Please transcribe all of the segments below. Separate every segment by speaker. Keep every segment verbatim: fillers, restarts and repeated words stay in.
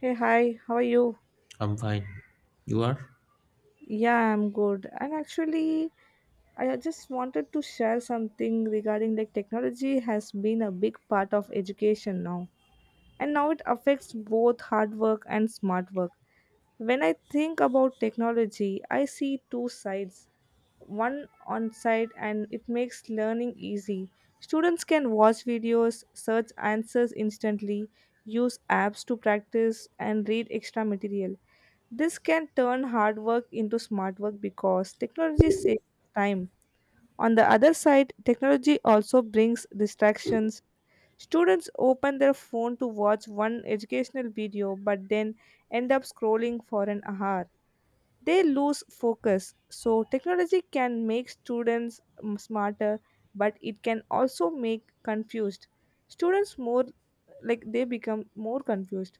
Speaker 1: Hey, hi, how are you?
Speaker 2: I'm fine. You are?
Speaker 1: Yeah, I'm good. And actually, I just wanted to share something regarding like technology has been a big part of education now. And now it affects both hard work and smart work. When I think about technology, I see two sides, one on site and it makes learning easy. Students can watch videos, search answers instantly, use apps to practice, and read extra material. This can turn hard work into smart work because technology saves time. On the other side, technology also brings distractions. Students open their phone to watch one educational video but then end up scrolling for an hour, they lose focus. So, technology can make students mm, smarter, but it can also make confused students more, like they become more confused.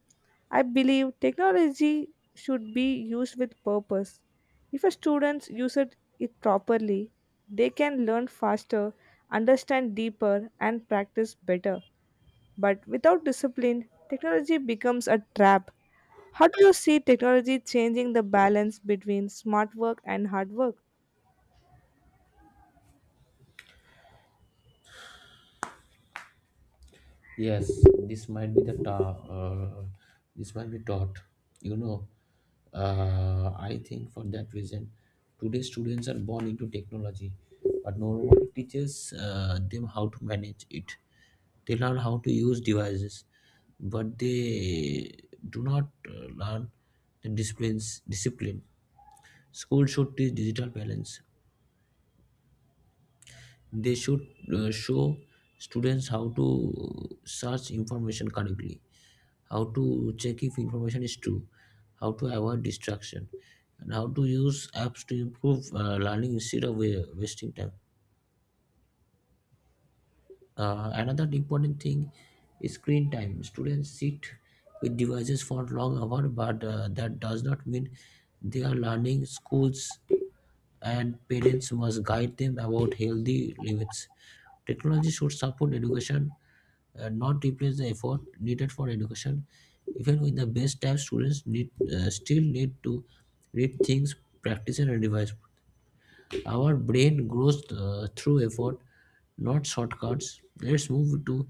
Speaker 1: I believe technology should be used with purpose. If a students use it, it properly, they can learn faster, understand deeper, and practice better. But without discipline, technology becomes a trap. How do you see technology changing the balance between smart work and hard work?
Speaker 2: Yes, this might be the ta- uh, this might be taught. You know, uh, I think for that reason, today students are born into technology, but nobody teaches uh, them how to manage it. They learn how to use devices, but they do not uh, learn the disciplines discipline. School should teach digital balance, they should uh, show students how to search information correctly, how to check if information is true, how to avoid distraction, and how to use apps to improve uh, learning instead of wa- wasting time. Uh, another important thing is screen time. Students sit with devices for long hours, but uh, that does not mean they are learning. Schools and parents must guide them about healthy limits. Technology should support education, uh, not replace the effort needed for education. Even with the best type, students need uh, still need to read things, practice, and revise. Our brain grows uh, through effort, not shortcuts. Let's move to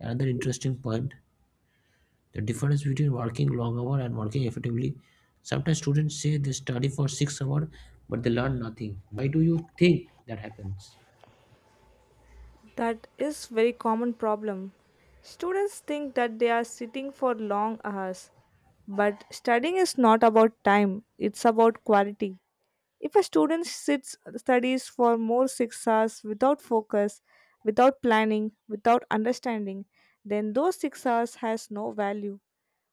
Speaker 2: another interesting point, the difference between working long hour and working effectively. Sometimes students say they study for six hours but they learn nothing. Why do you think that happens?
Speaker 1: That is very common problem. Students think that they are sitting for long hours, but studying is not about time, it's about quality. If a student sits studies for more six hours without focus, without planning, without understanding, then those six hours has no value.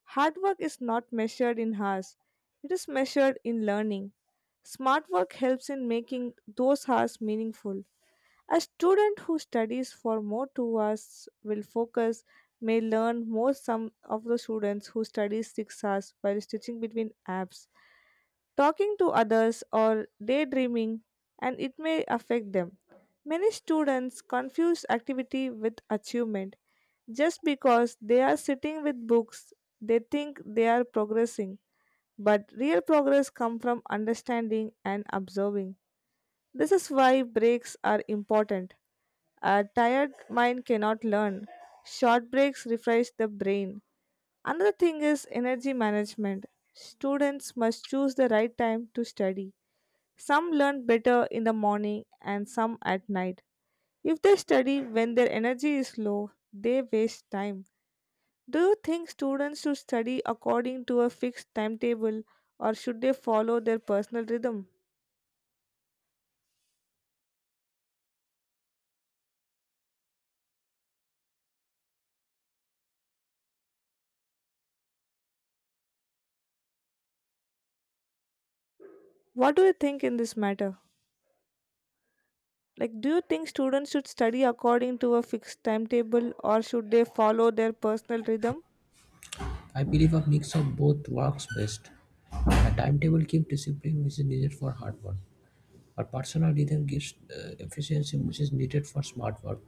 Speaker 1: Hard work is not measured in hours, it is measured in learning. Smart work helps in making those hours meaningful. A student who studies for more two hours will focus may learn more some of the students who study six hours while stitching between apps, talking to others, or daydreaming, and it may affect them. Many students confuse activity with achievement. Just because they are sitting with books, they think they are progressing. But real progress comes from understanding and observing. This is why breaks are important. A tired mind cannot learn. Short breaks refresh the brain. Another thing is energy management. Students must choose the right time to study, some learn better in the morning and some at night. If they study when their energy is low, they waste time. Do you think students should study according to a fixed timetable or should they follow their personal rhythm? What do you think in this matter? Like, do you think students should study according to a fixed timetable or should they follow their personal rhythm?
Speaker 2: I believe a mix of both works best. A timetable keeps discipline, which is needed for hard work. A personal rhythm gives uh, efficiency, which is needed for smart work.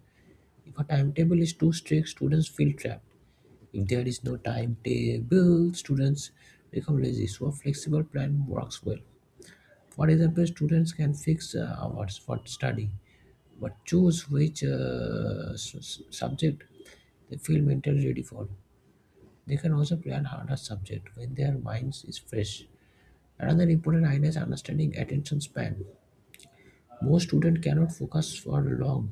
Speaker 2: If a timetable is too strict, students feel trapped. If there is no timetable, students become lazy. So a flexible plan works well. For example, students can fix uh, what's what study, but choose which uh, s- s- subject they feel mentally ready for. They can also plan harder subject when their minds is fresh. Another important idea is understanding attention span. Most students cannot focus for long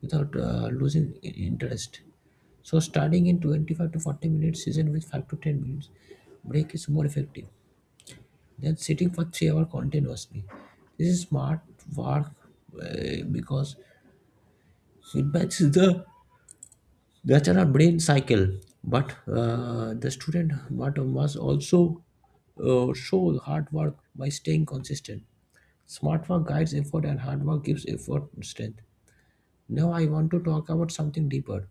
Speaker 2: without uh, losing i- interest. So starting in twenty-five to forty minutes session with five to ten minutes break is more effective than sitting for three hours continuously. This is smart work uh, because it matches the natural brain cycle. But uh, the student but must also uh, show hard work by staying consistent. Smart work guides effort and hard work gives effort strength. Now I want to talk about something deeper.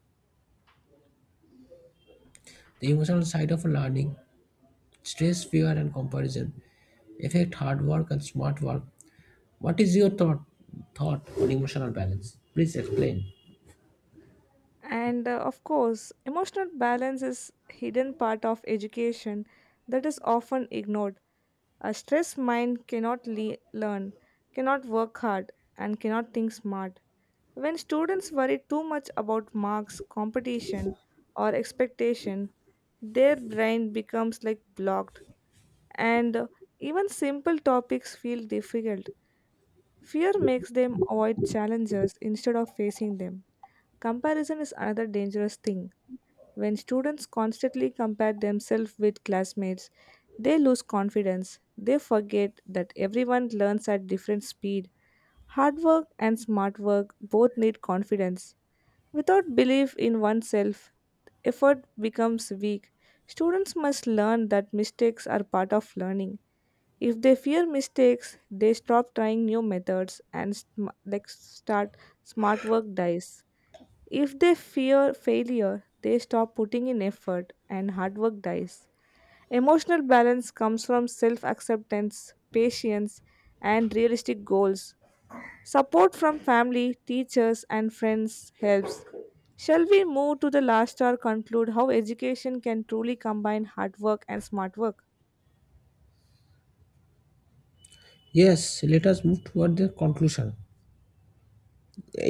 Speaker 2: The emotional side of learning, stress, fear and comparison affect hard work and smart work. What is your thought thought on emotional balance? Please explain.
Speaker 1: And uh, Of course, emotional balance is hidden part of education that is often ignored. A stressed mind cannot le- learn, cannot work hard, and cannot think smart. When students worry too much about marks, competition, or expectation, their brain becomes like blocked, and uh, even simple topics feel difficult. Fear makes them avoid challenges instead of facing them. Comparison is another dangerous thing, when students constantly compare themselves with classmates, they lose confidence. They forget that everyone learns at different speed. Hard work and smart work both need confidence. Without belief in oneself, effort becomes weak. Students must learn that mistakes are part of learning. If they fear mistakes, they stop trying new methods and sm- like start smart work dies. If they fear failure, they stop putting in effort and hard work dies. Emotional balance comes from self acceptance, patience, and realistic goals. Support from family, teachers, and friends helps. Shall we move to the last or conclude how education can truly combine hard work and smart work?
Speaker 2: Yes, let us move toward the conclusion.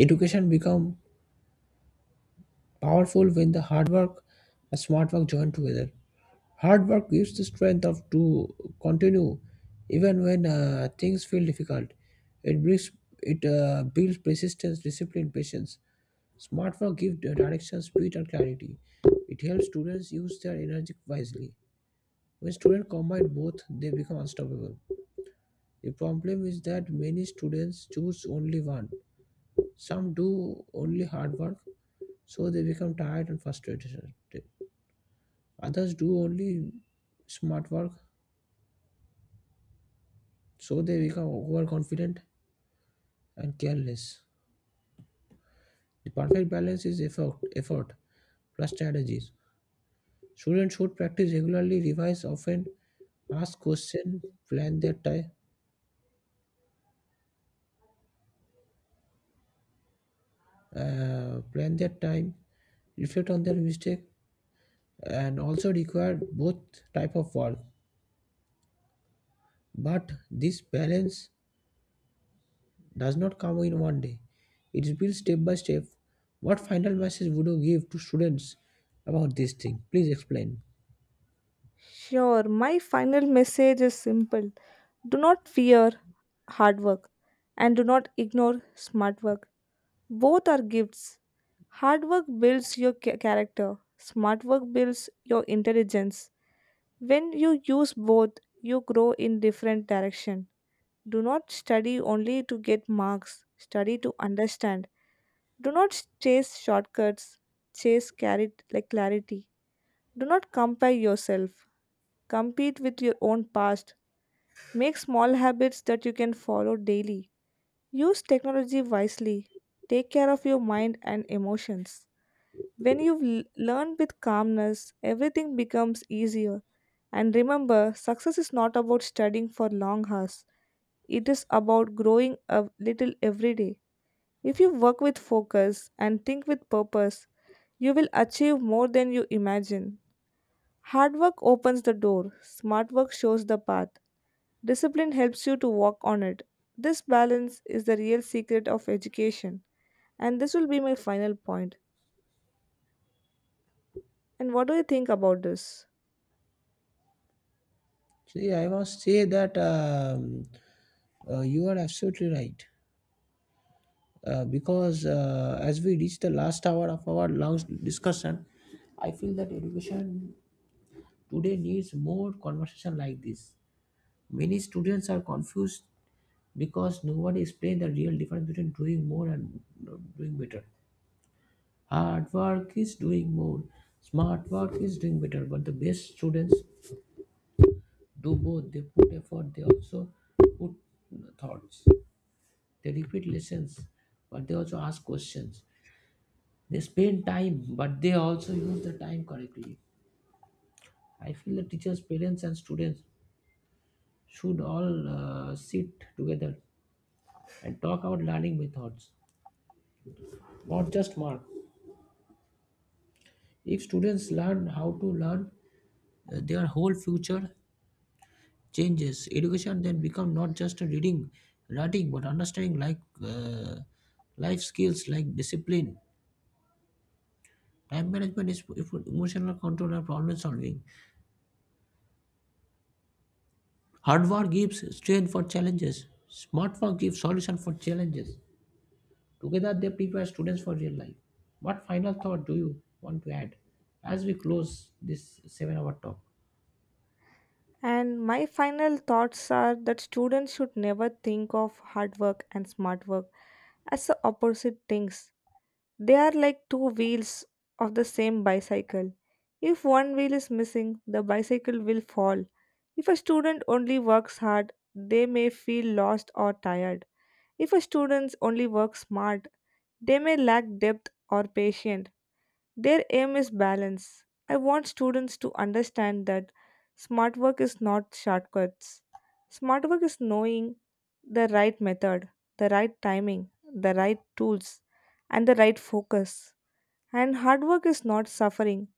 Speaker 2: Education become powerful when the hard work and smart work join together. Hard work gives the strength of to continue even when uh, things feel difficult. It brings it uh, builds persistence, discipline, patience. Smart work gives the direction, speed, and clarity. It helps students use their energy wisely. When students combine both, they become unstoppable. The problem is that many students choose only one. Some do only hard work, so they become tired and frustrated. Others do only smart work, so they become overconfident and careless. The perfect balance is effort, effort plus strategies. Students should practice regularly, revise often, ask questions, plan their time, uh, plan their time, reflect on their mistake, and also require both type of work. But this balance does not come in one day. It is built step by step. What final message would you give to students about this thing? Please explain.
Speaker 1: Sure, my final message is simple. Do not fear hard work and do not ignore smart work. Both are gifts. Hard work builds your ca- character, smart work builds your intelligence. When you use both, you grow in different direction. Do not study only to get marks, study to understand. Do not chase shortcuts, chase cari- like clarity. Do not compare yourself. Compete with your own past. Make small habits that you can follow daily. Use technology wisely. Take care of your mind and emotions. When you've l- learned with calmness, everything becomes easier. And remember, success is not about studying for long hours, it is about growing a little every day. If you work with focus and think with purpose, you will achieve more than you imagine. Hard work opens the door, smart work shows the path, discipline helps you to walk on it. This balance is the real secret of education. And this will be my final point. And what do you think about this?
Speaker 2: See, I must say that um, uh, you are absolutely right. Uh, because uh, as we reach the last hour of our long discussion, I feel that education today needs more conversation like this. Many students are confused because nobody explained the real difference between doing more and doing better. Hard work is doing more. Smart work is doing better. But the best students do both. They put effort. They also put thoughts. They repeat lessons, but they also ask questions. They spend time, but they also use the time correctly. I feel the teachers, parents, and students should all uh, sit together and talk about learning methods, not just mark. If students learn how to learn, uh, their whole future changes. Education then become not just a reading, writing, but understanding like uh, life skills like discipline, time management, is if- emotional control, and problem solving. Hardware gives strength for challenges. Smart work gives solution for challenges. Together, they prepare students for real life. What final thought do you want to add as we close this seven-hour talk?
Speaker 1: And my final thoughts are that students should never think of hard work and smart work as the opposite things. They are like two wheels of the same bicycle. If one wheel is missing, the bicycle will fall. If a student only works hard, they may feel lost or tired. If a student only works smart, they may lack depth or patience. Their aim is balance. I want students to understand that smart work is not shortcuts. Smart work is knowing the right method, the right timing, the right tools, and the right focus. And hard work is not suffering.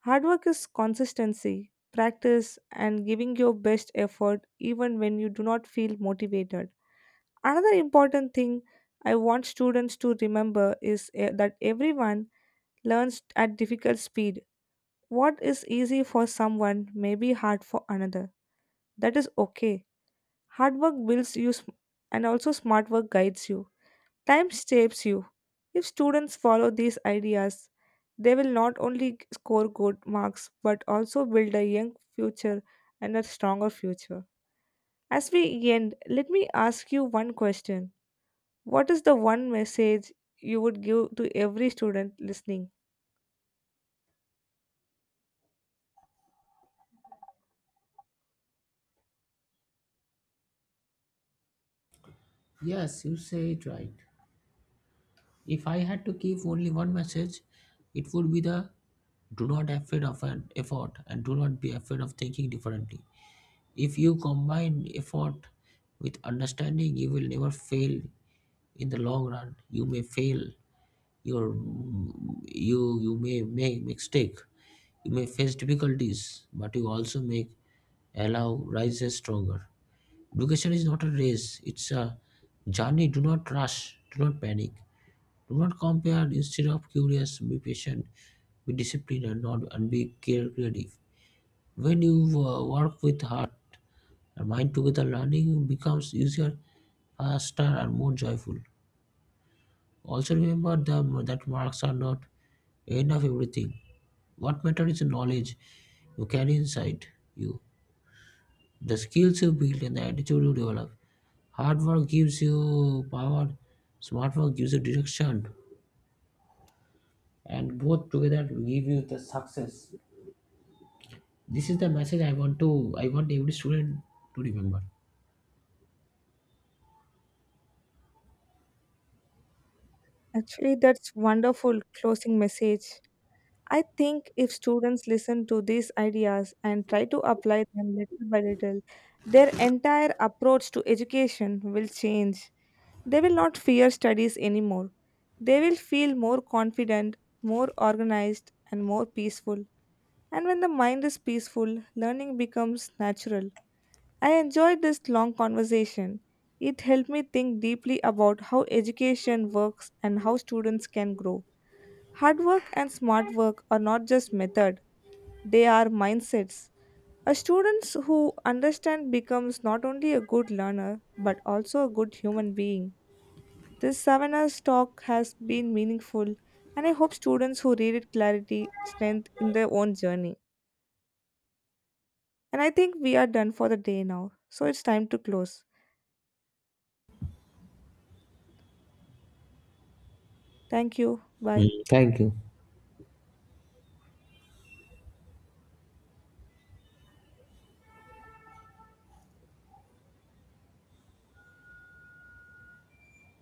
Speaker 1: Hard work is consistency, practice, and giving your best effort even when you do not feel motivated. Another important thing I want students to remember is eh, that everyone learns at difficult speed. What is easy for someone may be hard for another. That is okay. Hard work builds you sm- and also smart work guides you. Time shapes you. If students follow these ideas, they will not only g- score good marks but also build a young future and a stronger future. As we end, let me ask you one question. What is the one message you would give to every student listening?
Speaker 2: Yes, you say it right. If I had to give only one message, it would be the, do not afraid of an effort and do not be afraid of thinking differently. If you combine effort with understanding, you will never fail in the long run. You may fail, your you you may make mistake, you may face difficulties, but you also make allow rises stronger. Education is not a race, it's a journey. Do not rush, do not panic. Do not compare. Instead of curious, be patient, be disciplined, and not and be care- creative. When you uh, work with heart and mind together, learning becomes easier, faster, and more joyful. Also remember the, that marks are not end of everything. What matters is the knowledge you carry inside you, the skills you build, and the attitude you develop. Hard work gives you power, smart work gives you direction, and both together give you the success. This is the message i want to I want every student to remember.
Speaker 1: Actually, that's wonderful closing message. I think if students listen to these ideas and try to apply them little by little, their entire approach to education will change. They will not fear studies anymore. They will feel more confident, more organized, and more peaceful. And when the mind is peaceful, learning becomes natural. I enjoyed this long conversation. It helped me think deeply about how education works and how students can grow. Hard work and smart work are not just method, they are mindsets. A student who understands becomes not only a good learner but also a good human being. This seven hours talk has been meaningful and I hope students who read it clarity strength in their own journey. And I think we are done for the day now. So it's time to close. Thank you.
Speaker 2: Hmm.
Speaker 1: Bye.
Speaker 2: Thank you.